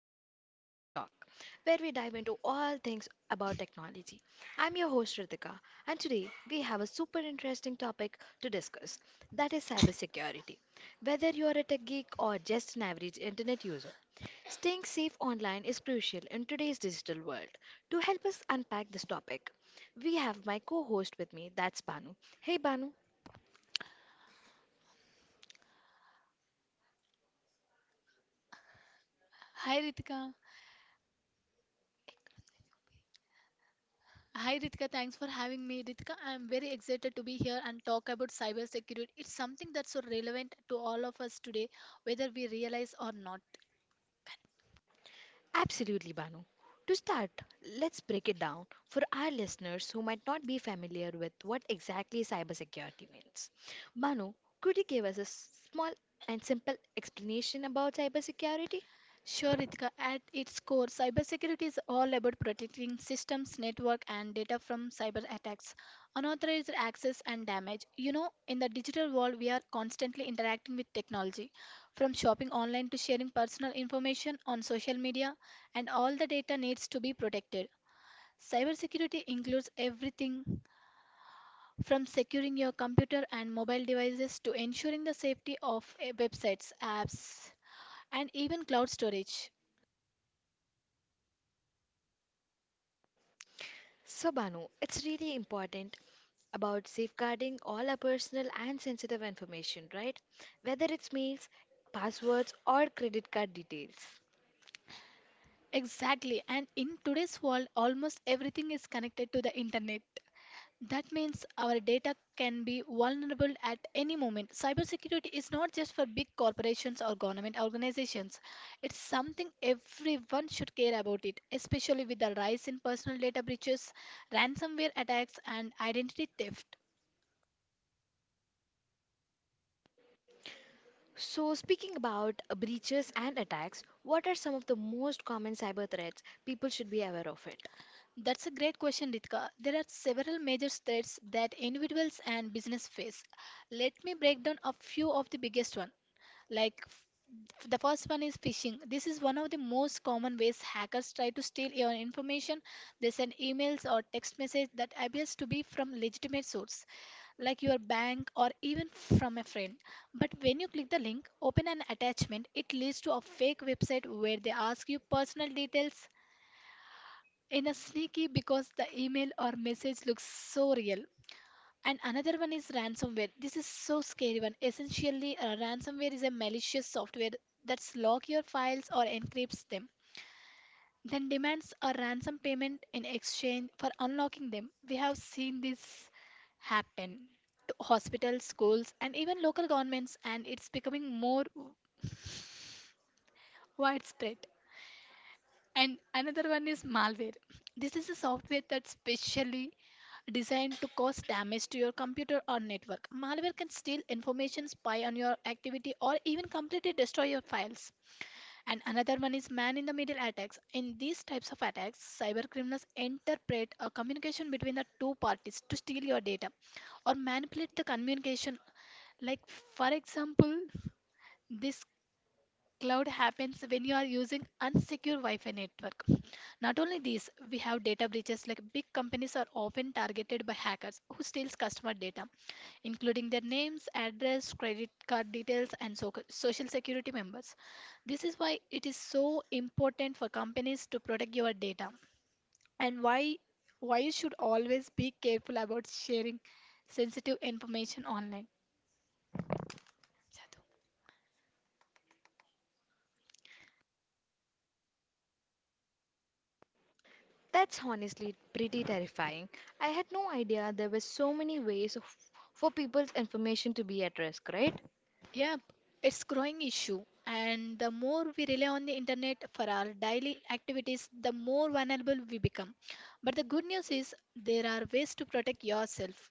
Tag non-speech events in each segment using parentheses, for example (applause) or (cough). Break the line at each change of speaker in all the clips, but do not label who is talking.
episode of TikTok, where we dive into all things about technology. I'm your host Ritika, and today we have a super interesting topic to discuss, that is cybersecurity. Whether you are a tech geek or just an average internet user, staying safe online is crucial in today's digital world. To help us unpack this topic, we have my co host with me, that's Banu. Hey Banu.
Hi Ritika. Hi Ritika, thanks for having me. Ritika, I'm very excited to be here and talk about cybersecurity. It's something that's so relevant to all of us today, whether we realize or not.
Absolutely, Banu. To start, let's break it down for our listeners who might not be familiar with what exactly cybersecurity means. Banu, could you give us a small and simple explanation about cybersecurity?
Sure, Ritika, at its core, cybersecurity is all about protecting systems, network, and data from cyber attacks, unauthorized access, and damage. You know, in the digital world, we are constantly interacting with technology, from shopping online to sharing personal information on social media, and all the data needs to be protected. Cybersecurity includes everything from securing your computer and mobile devices to ensuring the safety of websites, apps, and even cloud storage.
So, Banu, it's really important about safeguarding all our personal and sensitive information, right? Whether it's mails, passwords, or credit card details.
Exactly, and in today's world, almost everything is connected to the internet. That means our data can be vulnerable at any moment. Cybersecurity is not just for big corporations or government organizations. It's something everyone should care about it, especially with the rise in personal data breaches, ransomware attacks and identity theft.
So, speaking about breaches and attacks, what are some of the most common cyber threats people should be aware of it?
That's a great question, Ritka. There are several major threats that individuals and business face. Let me break down a few of the biggest one. The first one is phishing. This is one of the most common ways hackers try to steal your information. They send emails or text message that appears to be from legitimate source, like your bank or even from a friend. But when you click the link, open an attachment, it leads to a fake website where they ask you personal details in a sneaky because the email or message looks so real. And another one is ransomware. This is so scary one. Essentially, ransomware is a malicious software that locks your files or encrypts them, then demands a ransom payment in exchange for unlocking them. We have seen this happen to hospitals, schools, and even local governments, and it's becoming more widespread. And another one is malware. This is a software that's specially designed to cause damage to your computer or network. Malware can steal information, spy on your activity, or even completely destroy your files. And another one is man in the middle attacks. In these types of attacks, cyber criminals interpret a communication between the two parties to steal your data or manipulate the communication. Like, for example, this cloud happens when you are using unsecure Wi-Fi network. Not only this, we have data breaches like big companies are often targeted by hackers who steals customer data, including their names, address, credit card details, and so- social security members. This is why it is so important for companies to protect your data and why you should always be careful about sharing sensitive information online.
That's honestly pretty terrifying. I had no idea there were so many ways of, for people's information to be at risk, right?
Yeah, it's growing issue and the more we rely on the internet for our daily activities, the more vulnerable we become. But the good news is there are ways to protect yourself.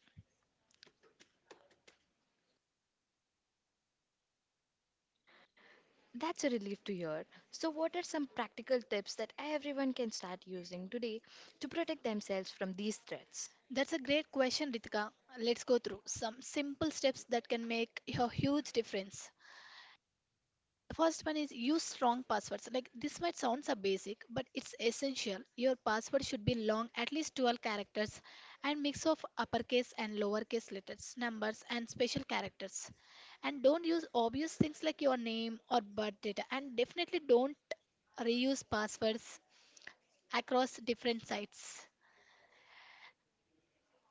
That's a relief to hear. So, what are some practical tips that everyone can start using today to protect themselves from these threats?
That's a great question, Ritika. Let's go through some simple steps that can make a huge difference. The first one is use strong passwords. Like this might sound a basic, but it's essential. Your password should be long, at least 12 characters, and mix of uppercase and lowercase letters, numbers, and special characters. And don't use obvious things like your name or birth data. And definitely don't reuse passwords across different sites.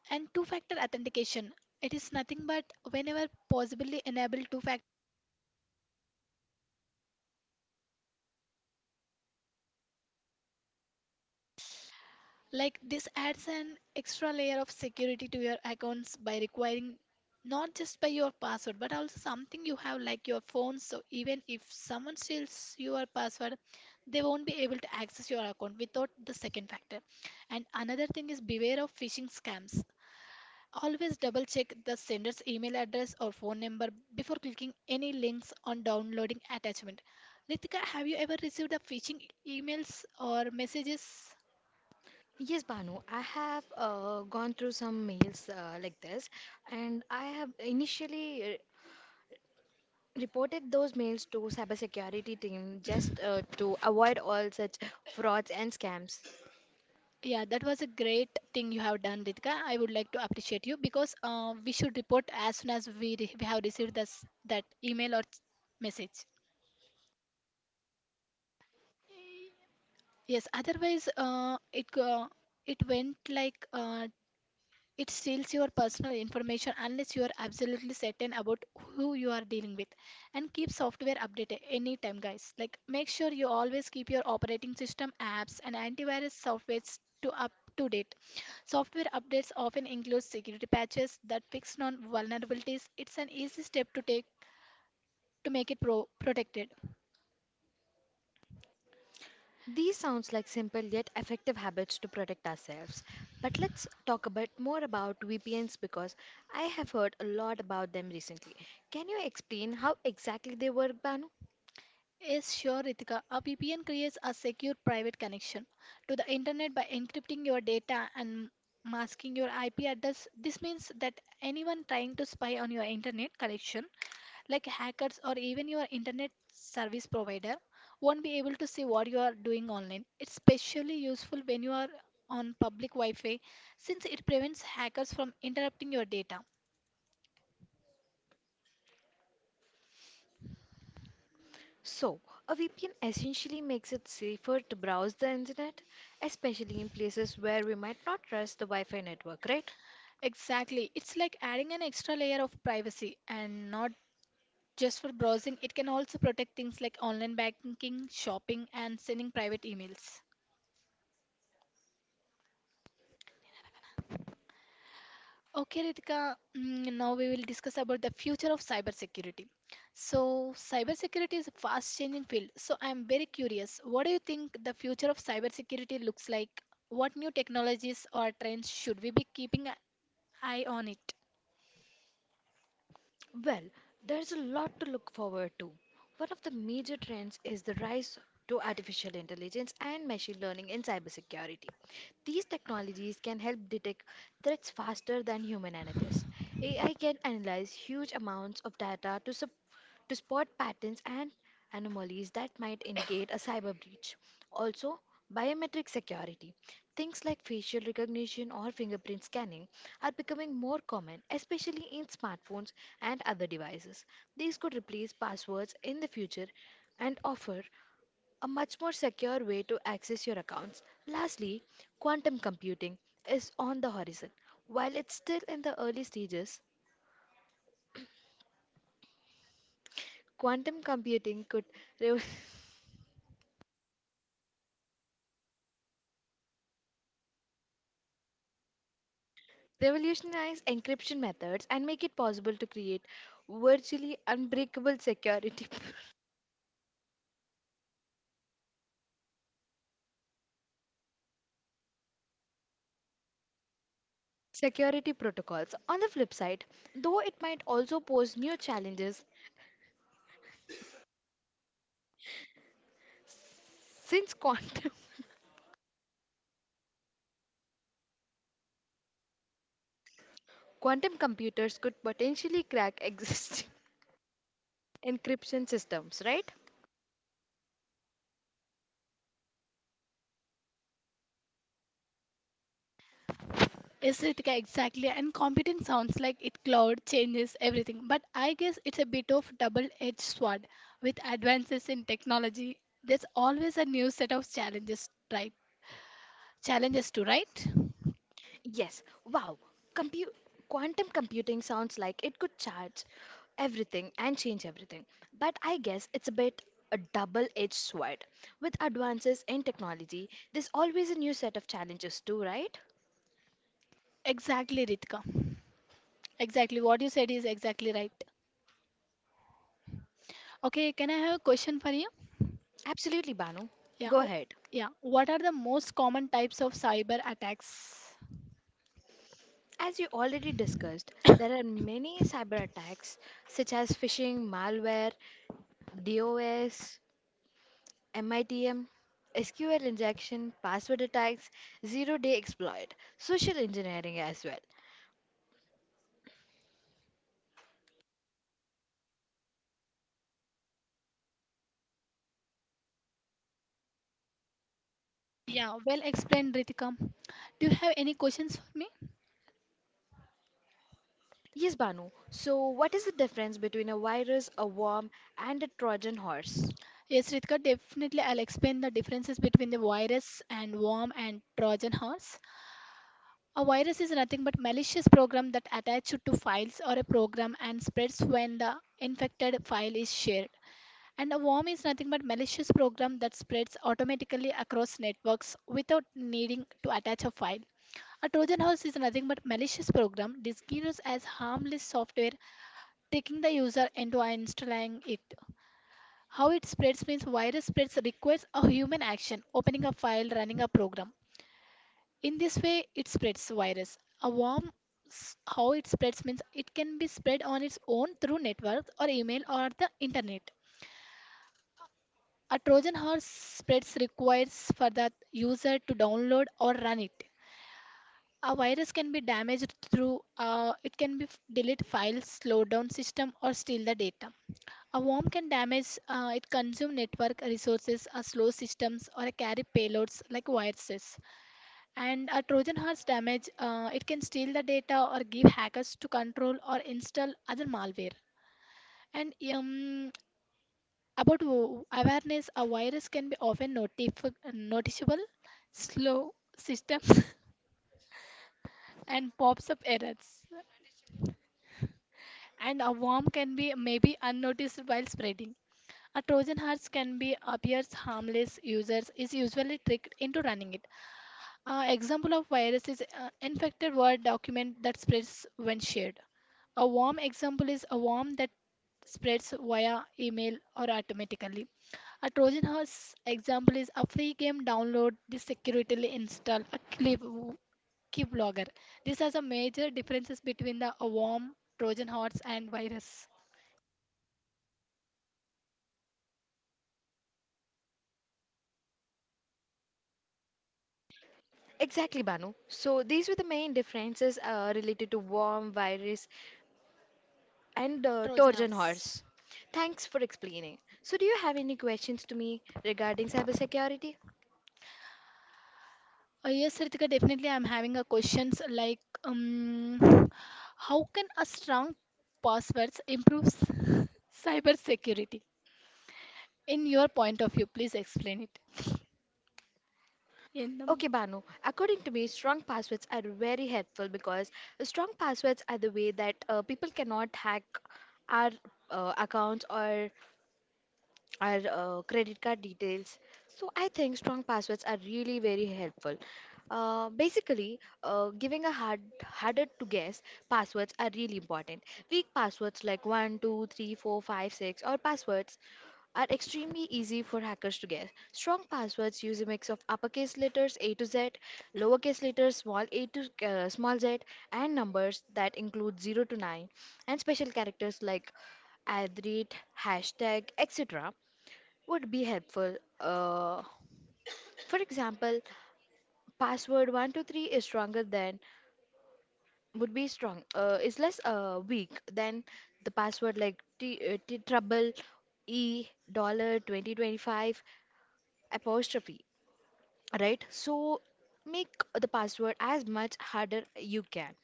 And two factor authentication. It is nothing but whenever possibly enable two factor. Like this adds an extra layer of security to your accounts by requiring not just by your password but also something you have like your phone. So even if someone steals your password, they won't be able to access your account without the second factor. And another thing is beware of phishing scams. Always double check the sender's email address or phone number before clicking any links on downloading attachment. Ritika, have you ever received a phishing emails or messages?
Yes, Banu, I have gone through some mails like this, and I have initially reported those mails to cybersecurity team just to avoid all such frauds and scams.
Yeah, that was a great thing you have done, Ritika. I would like to appreciate you because we should report as soon as we have received this, that email or message. Yes, otherwise it go- it went like it steals your personal information unless you are absolutely certain about who you are dealing with. And keep software updated anytime, guys. Like, make sure you always keep your operating system, apps, and antivirus softwares to up to date. Software updates often include security patches that fix known vulnerabilities. It's an easy step to take to make it protected.
These sounds like simple yet effective habits to protect ourselves. But let's talk about more about VPNs because I have heard a lot about them recently. Can you explain how exactly they work, Banu?
Yes, sure, Ritika. A VPN creates a secure private connection to the internet by encrypting your data and masking your IP address. This means that anyone trying to spy on your internet connection, like hackers or even your internet service provider, won't be able to see what you are doing online. It's especially useful when you are on public Wi Fi since it prevents hackers from interrupting your data.
So, a VPN essentially makes it safer to browse the internet, especially in places where we might not trust the Wi-Fi network, right?
Exactly. It's like adding an extra layer of privacy and not just for browsing. It can also protect things like online banking, shopping, and sending private emails. Okay, Ritika, now we will discuss about the future of cybersecurity. So, cybersecurity is a fast changing field. So, I am very curious what do you think the future of cybersecurity looks like? What new technologies or trends should we be keeping an eye on it?
Well, there's a lot to look forward to. One of the major trends is the rise to artificial intelligence and machine learning in cybersecurity. These technologies can help detect threats faster than human analysts. AI can analyze huge amounts of data to support to spot patterns and anomalies that might indicate a cyber breach. Also, biometric security. Things like facial recognition or fingerprint scanning are becoming more common, especially in smartphones and other devices. These could replace passwords in the future and offer a much more secure way to access your accounts. Lastly, quantum computing is on the horizon. While it's still in the early stages, quantum computing could (laughs) revolutionize revolutionize encryption methods and make it possible to create virtually unbreakable security (laughs) security protocols. On the flip side, though, it might also pose new challenges, since quantum (laughs) quantum computers could potentially crack existing (laughs) encryption systems, right?
Exactly. And competing sounds like it cloud changes everything, but I guess it's a bit of double-edged sword. With advances in technology, there's always a new set of challenges, right? Challenges to right?
Yes, wow. Compu- Quantum computing sounds like it could charge everything and change everything. But I guess it's a bit a double edged sword. With advances in technology, there's always a new set of challenges, too, right?
Exactly, Ritika. Exactly, what you said is exactly right. Okay, can I have a question for you?
Absolutely, Banu.
Yeah,
Go
o-
ahead.
yeah. What are the most common types of cyber attacks?
As you already discussed, there are many cyber attacks such as phishing, malware, DOS, MITM, SQL injection, password attacks, zero day exploit, social engineering as well.
Yeah, well explained, Ritika. Do you have any questions for me?
Yes, Banu. So, what is the difference between a virus, a worm, and a Trojan horse?
Yes, Ritika, definitely I'll explain the differences between the virus and worm and Trojan horse. A virus is nothing but malicious program that attaches to files or a program and spreads when the infected file is shared. And a worm is nothing but malicious program that spreads automatically across networks without needing to attach a file. A Trojan horse is nothing but malicious program disguised as harmless software, tricking the user into installing it. How it spreads means virus spreads requires a human action, opening a file, running a program. In this way, it spreads virus. A worm, how it spreads means it can be spread on its own through networks or email or the internet. A Trojan horse spreads requires for the user to download or run it. A virus can be damaged through it can be delete files, slow down system, or steal the data. A worm can damage it consume network resources, slow systems, or carry payloads like viruses. And a Trojan horse damage it can steal the data or give hackers to control or install other malware. And about awareness, a virus can be often noticeable, slow systems, (laughs) and pops up errors. And a worm can be maybe unnoticed while spreading. A Trojan horse can be appears harmless. Users is usually tricked into running it. A example of virus is infected Word document that spreads when shared. A worm example is a worm that spreads via email or automatically. A Trojan horse example is a free game download, this securely install a clip keylogger. These are the major differences between the a worm, Trojan horse, and virus.
Exactly, Banu. So, these were the main differences related to worm, virus, and
Trojan
Trojan horse.
horse.
Thanks for explaining. So, do you have any questions to me regarding cybersecurity?
Yes, Ritika, definitely. I'm having a questions like, how can a strong passwords improve cyber security? In your point of view, please explain it. In the
Okay, Banu. According to me, strong passwords are very helpful because strong passwords are the way that people cannot hack our accounts or our credit card details. So I think strong passwords are really very helpful. Basically, giving a harder to guess passwords are really important. Weak passwords like one, 2, 3, 4, 5, 6 or passwords are extremely easy for hackers to guess. Strong passwords use a mix of uppercase letters A to Z, lowercase letters small a to small z, and numbers that include 0 to 9, and special characters like adrit, hashtag, etc. would be helpful. For example, password 123 is stronger than would be strong is less weak than the password like t trouble e dollar 2025 apostrophe, right? So make the password as much harder you can.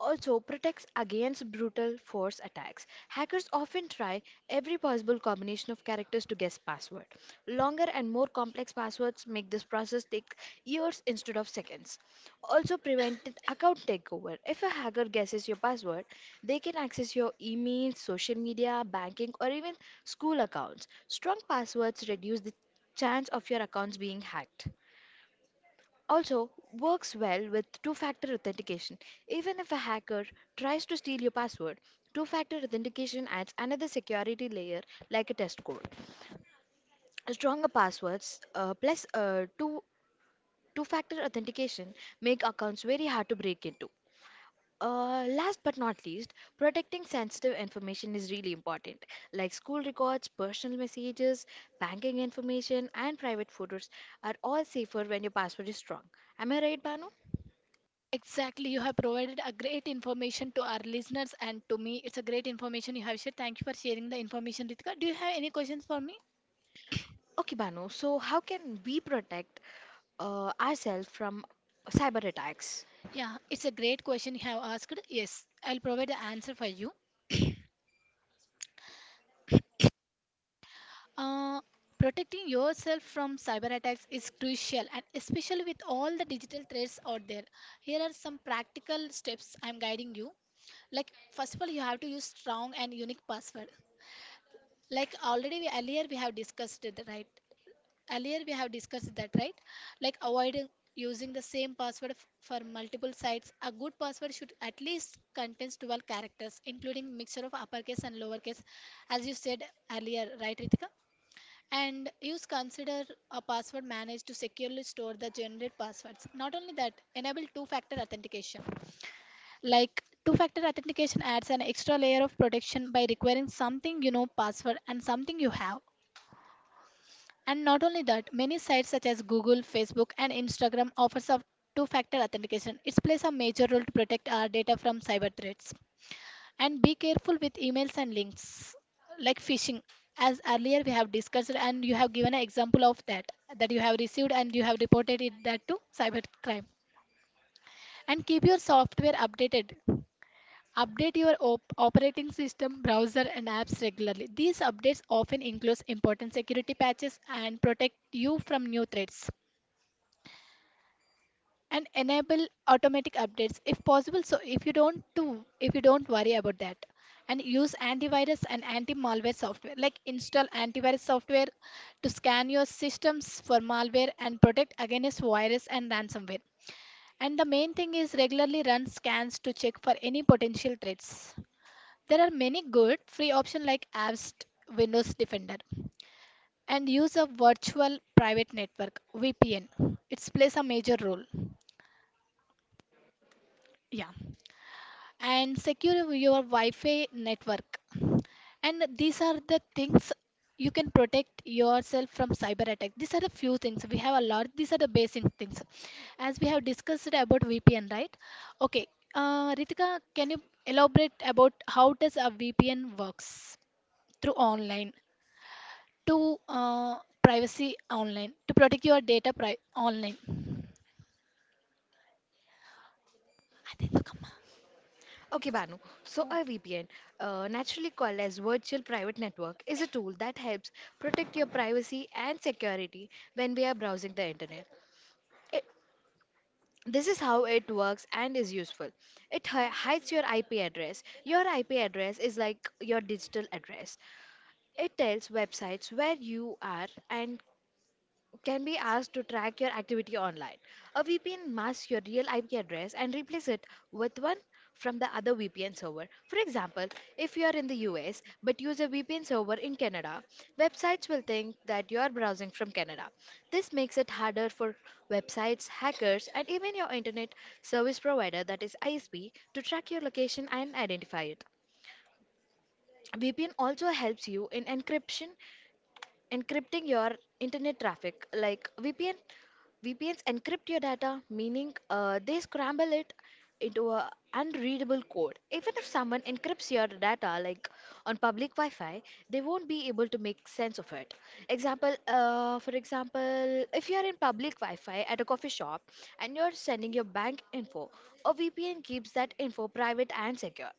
Also protects against brutal force attacks. Hackers often try every possible combination of characters to guess password. Longer and more complex passwords make this process take years instead of seconds. Also prevented account takeover. If a hacker guesses your password, they can access your emails, social media, banking or even school accounts. Strong passwords reduce the chance of your accounts being hacked. Also, works well with two-factor authentication. Even if a hacker tries to steal your password, two-factor authentication adds another security layer like a test code. Stronger passwords plus two-factor authentication make accounts very hard to break into. Last but not least, protecting sensitive information is really important, like school records, personal messages, banking information, and private photos are all safer when your password is strong. Am I right, Banu?
Exactly, you have provided a great information to our listeners and to me. It's a great information you have shared. Thank you for sharing the information, Ritika. Do you have any questions for me?
Okay, Banu, so how can we protect ourselves from cyber attacks?
Yeah, it's a great question you have asked. Yes, I'll provide the answer for you. Uh, protecting yourself from cyber attacks is crucial, and especially with all the digital threats out there. Here are some practical steps I'm guiding you. Like, first of all, you have to use strong and unique password. Like earlier we have discussed it, right? Earlier we have discussed that, right? Like avoid using the same password for multiple sites. A good password should at least contains 12 characters, including mixture of uppercase and lowercase, as you said earlier, right, Ritika? And use consider a password manage to securely store the generated passwords. Not only that, enable two factor authentication. Like two factor authentication adds an extra layer of protection by requiring something you know password and something you have. And not only that, many sites such as Google, Facebook and Instagram offers a two factor authentication. It plays a major role to protect our data from cyber threats. And be careful with emails and links like phishing. As earlier we have discussed, and you have given an example of that that you have received and you have reported it that to cybercrime. And keep your software updated. Update your operating system, browser, and apps regularly. These updates often include important security patches and protect you from new threats. And enable automatic updates if possible, so if you don't worry about that. And use antivirus and anti-malware software, like install antivirus software to scan your systems for malware and protect against virus and ransomware. And the main thing is regularly run scans to check for any potential threats. There are many good free options like Avast, Windows Defender. And use a virtual private network, VPN. It plays a major role. Yeah. And secure your Wi-Fi network. And these are the things you can protect yourself from cyber attack. These are the few things. We have a lot. These are the basic things, as we have discussed about VPN, right? Okay, Ritika, can you elaborate about how does a VPN works through online to privacy online to protect your data online? అదేందుకమ్మా?
Okay,
Privacy.
Banu, so a
Okay.
VPN, naturally called as Virtual Private Network, is a tool that helps protect your privacy and security when we are browsing the internet. It, this is how it works and is useful. It hides your IP address. Your IP address is like your digital address. It tells websites where you are and can be asked to track your activity online. A VPN masks your real IP address and replaces it with one from the other VPN server. For example, if you are in the US but use a VPN server in Canada, websites will think that you are browsing from Canada. This makes it harder for websites, hackers, and even your internet service provider, that is ISP, to track your location and identify it. VPN also helps you in encryption, encrypting your internet traffic. Like VPNs encrypt your data, meaning they scramble it into a unreadable code. Even if someone encrypts your data, like on public Wi-Fi, they won't be able to make sense of it. For example, if you are in public Wi-Fi at a coffee shop and you're sending your bank info, a VPN keeps that info private and secure.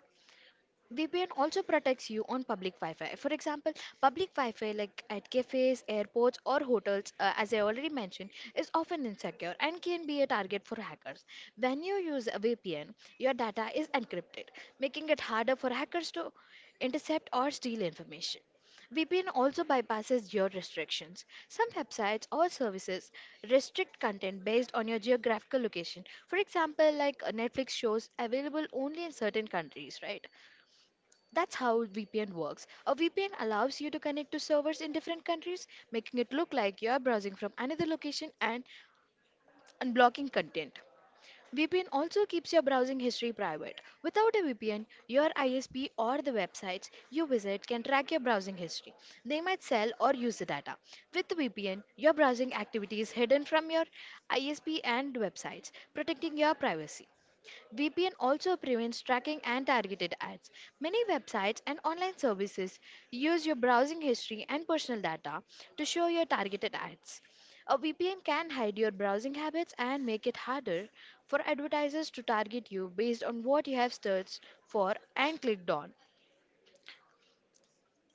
VPN also protects you on public Wi-Fi. For example, public Wi-Fi like at cafes, airports, or hotels, as I already mentioned, is often insecure and can be a target for hackers. When you use a VPN, your data is encrypted, making it harder for hackers to intercept or steal information. VPN also bypasses geo restrictions. Some websites or services restrict content based on your geographical location. For example, like Netflix shows available only in certain countries, right? That's how VPN works. A VPN allows you to connect to servers in different countries, making it look like you are browsing from another location and unblocking content. VPN also keeps your browsing history private. Without a VPN, your ISP or the websites you visit can track your browsing history. They might sell or use the data. With the VPN, your browsing activity is hidden from your ISP and websites, protecting your privacy. VPN also prevents tracking and targeted ads. Many websites and online services use your browsing history and personal data to show your targeted ads. A VPN can hide your browsing habits and make it harder for advertisers to target you based on what you have searched for and clicked on.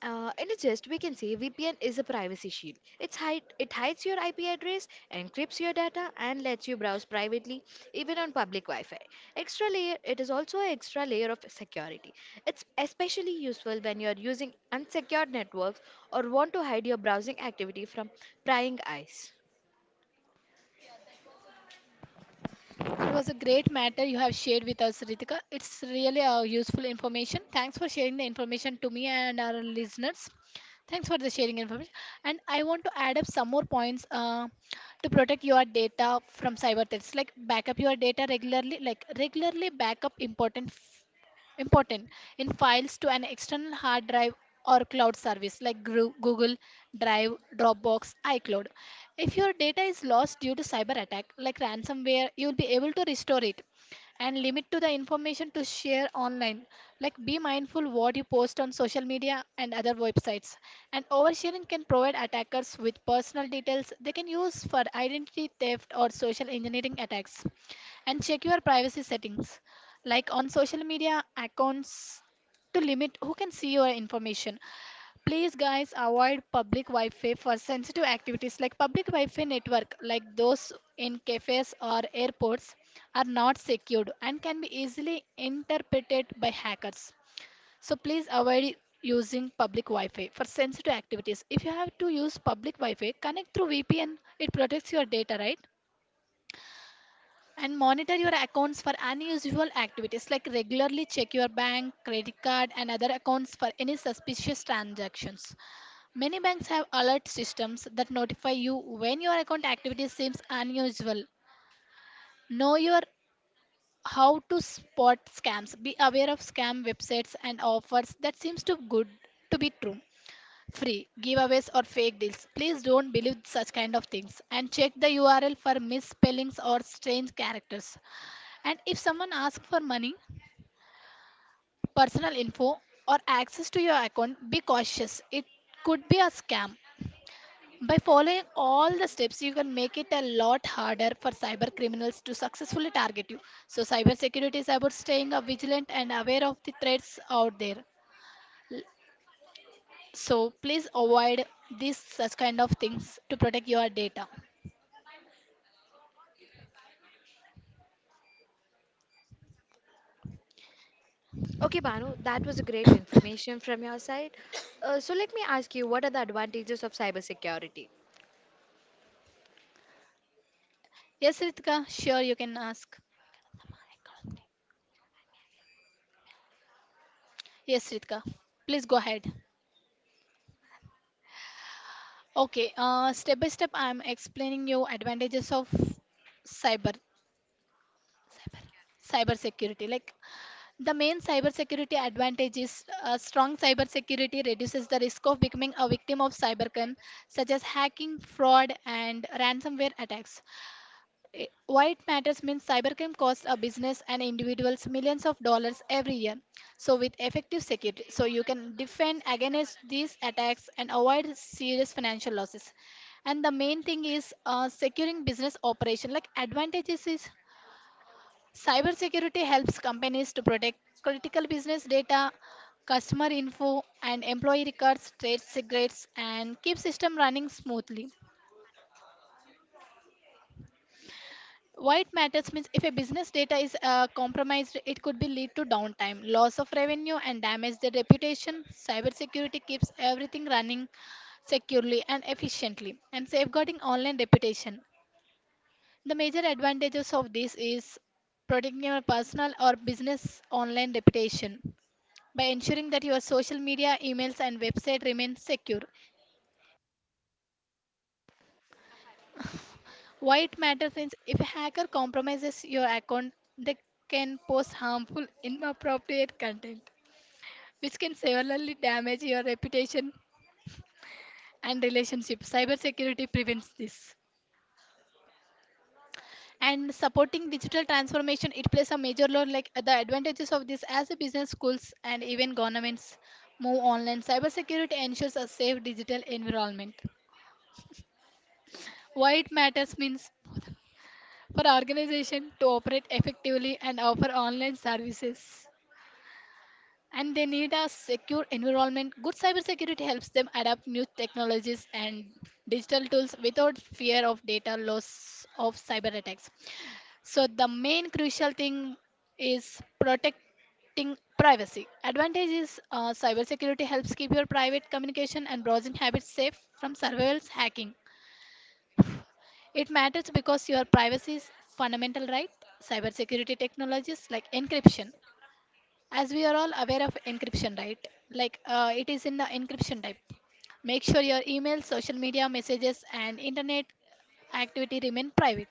In a gist, we can say VPN is a privacy shield. It hides your IP address, encrypts your data, and lets you browse privately, even on public Wi-Fi. Extra layer, it is also an extra layer of security. It's especially useful when you are using unsecured networks or want to hide your browsing activity from prying eyes.
It was a great matter you have shared with us, Ritika. It's really useful information. Thanks for sharing the information to me and our listeners. Thanks for the sharing information. And I want to add up some more points to protect your data from cyber threats. Like backup your data regularly. Like regularly backup important important in files to an external hard drive or cloud service like google drive, dropbox, icloud. If your data is lost due to cyber attack like ransomware, you'll be able to restore it. And limit to the information to share online, like be mindful what you post on social media and other websites. And oversharing can provide attackers with personal details they can use for identity theft or social engineering attacks. And check your privacy settings, like on social media accounts, to limit who can see your information. Please, guys, avoid public Wi Fi for sensitive activities. Like public Wi Fi network, like those in cafes or airports, are not secured and can be easily interpreted by hackers. So, please avoid using public Wi Fi for sensitive activities. If you have to use public Wi Fi, connect through VPN, it protects your data, right? And monitor your accounts for unusual activities, like regularly check your bank, credit card, and other accounts for any suspicious transactions. Many banks have alert systems that notify you when your account activity seems unusual. Know your how to spot scams. Be aware of scam websites and offers that seems too good to be true. Free giveaways or fake deals, please don't believe such kind of things. And check the url for misspellings or strange characters. And if someone asks for money, personal info, or access to your account, be cautious. It could be a scam. By following all the steps, you can make it a lot harder for cyber criminals to successfully target you. So, cybersecurity is about staying vigilant and aware of the threats out there. L- So, please avoid these such kind of things to protect your data.
Okay, Banu, that was a great information from your side. So let me ask you, what are the advantages of cybersecurity?
Yes, Ritika, sure you can ask. Yes, Ritika, please go ahead. Okay, step by step, I'm explaining you advantages of cyber, cyber, cyber security. Like the main cyber security advantage is strong cyber security reduces the risk of becoming a victim of cybercrime, such as hacking, fraud, and ransomware attacks. Eh, why it matters means cybercrime costs a business and individuals millions of dollars every year. So with effective security, so you can defend against these attacks and avoid serious financial losses. And the main thing is securing business operation. Like advantages is cybersecurity helps companies to protect critical business data, customer info, and employee records, trade secrets, and keep system running smoothly. Why it matters means if a business data is compromised, it could be lead to downtime, loss of revenue, and damage their reputation. Cybersecurity keeps everything running securely and efficiently, and safeguarding online reputation. The major advantages of this is protecting your personal or business online reputation by ensuring that your social media, emails, and website remain secure. Why it matters is if a hacker compromises your account, they can post harmful, inappropriate content, which can severely damage your reputation and relationship. Cybersecurity prevents this. And supporting digital transformation, it plays a major role. Like the advantages of this, as a business, schools, and even governments move online, cybersecurity ensures a safe digital environment. Why it matters means for organization to operate effectively and offer online services, and they need a secure environment. Good cybersecurity helps them adapt new technologies and digital tools without fear of data loss of cyber attacks. So the main crucial thing is protecting privacy. Advantage is cybersecurity helps keep your private communication and browsing habits safe from surveillance hacking. It matters because your privacy is fundamental right. Cybersecurity technologies like encryption, as we are all aware of encryption, right, like it is in the encryption type, make sure your email, social media messages, and internet activity remain private.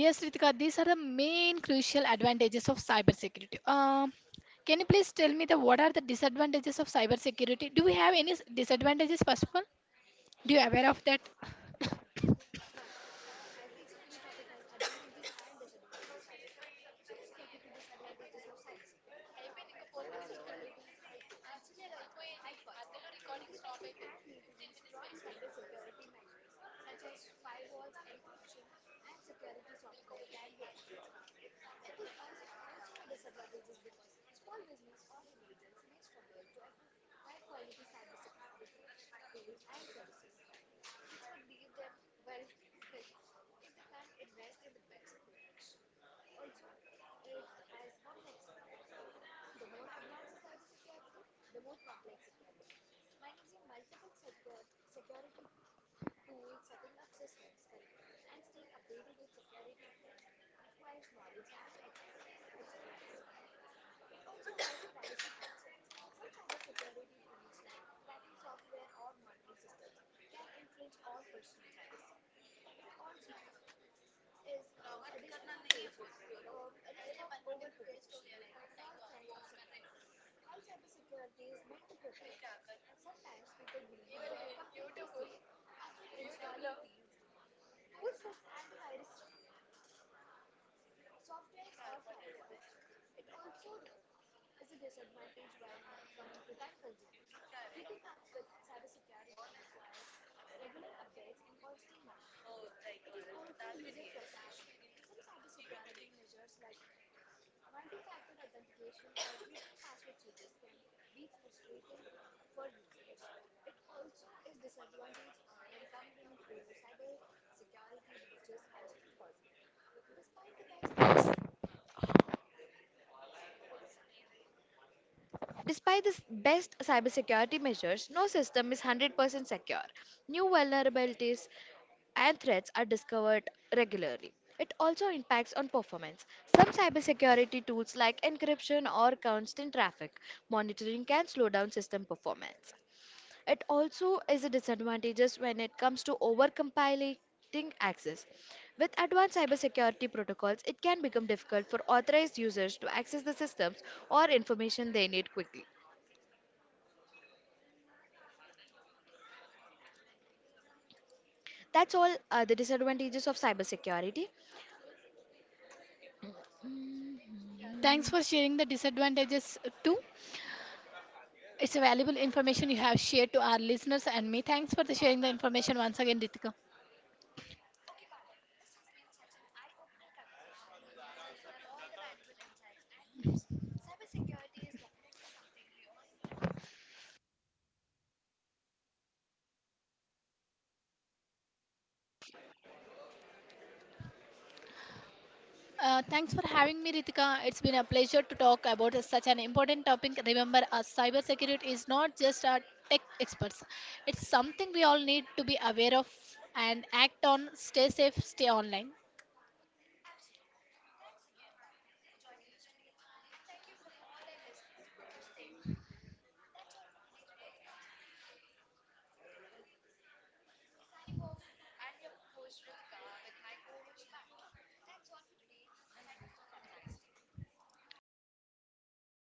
Yes, Ritika, these are the main crucial advantages of cybersecurity. Can you please tell me the what are the disadvantages of cybersecurity? Do we have any disadvantages? First of all, do you aware of that? (coughs)
Despite the best cybersecurity measures, no system is 100% secure. New vulnerabilities and threats are discovered regularly. It also impacts on performance. Some cybersecurity tools like encryption or constant traffic monitoring can slow down system performance. It also is a disadvantage when it comes to overcompiling access. With advanced cybersecurity protocols, it can become difficult for authorized users to access the systems or information they need quickly. That's all the disadvantages of cybersecurity.
Thanks for sharing the disadvantages too. It's a valuable information you have shared to our listeners and me. Thanks for the sharing the information once again, Ritika. Thanks for having me, Ritika. It's been a pleasure to talk about such an important topic. Remember, cybersecurity is not just a tech experts. It's something we all need to be aware of and act on. Stay safe, stay online.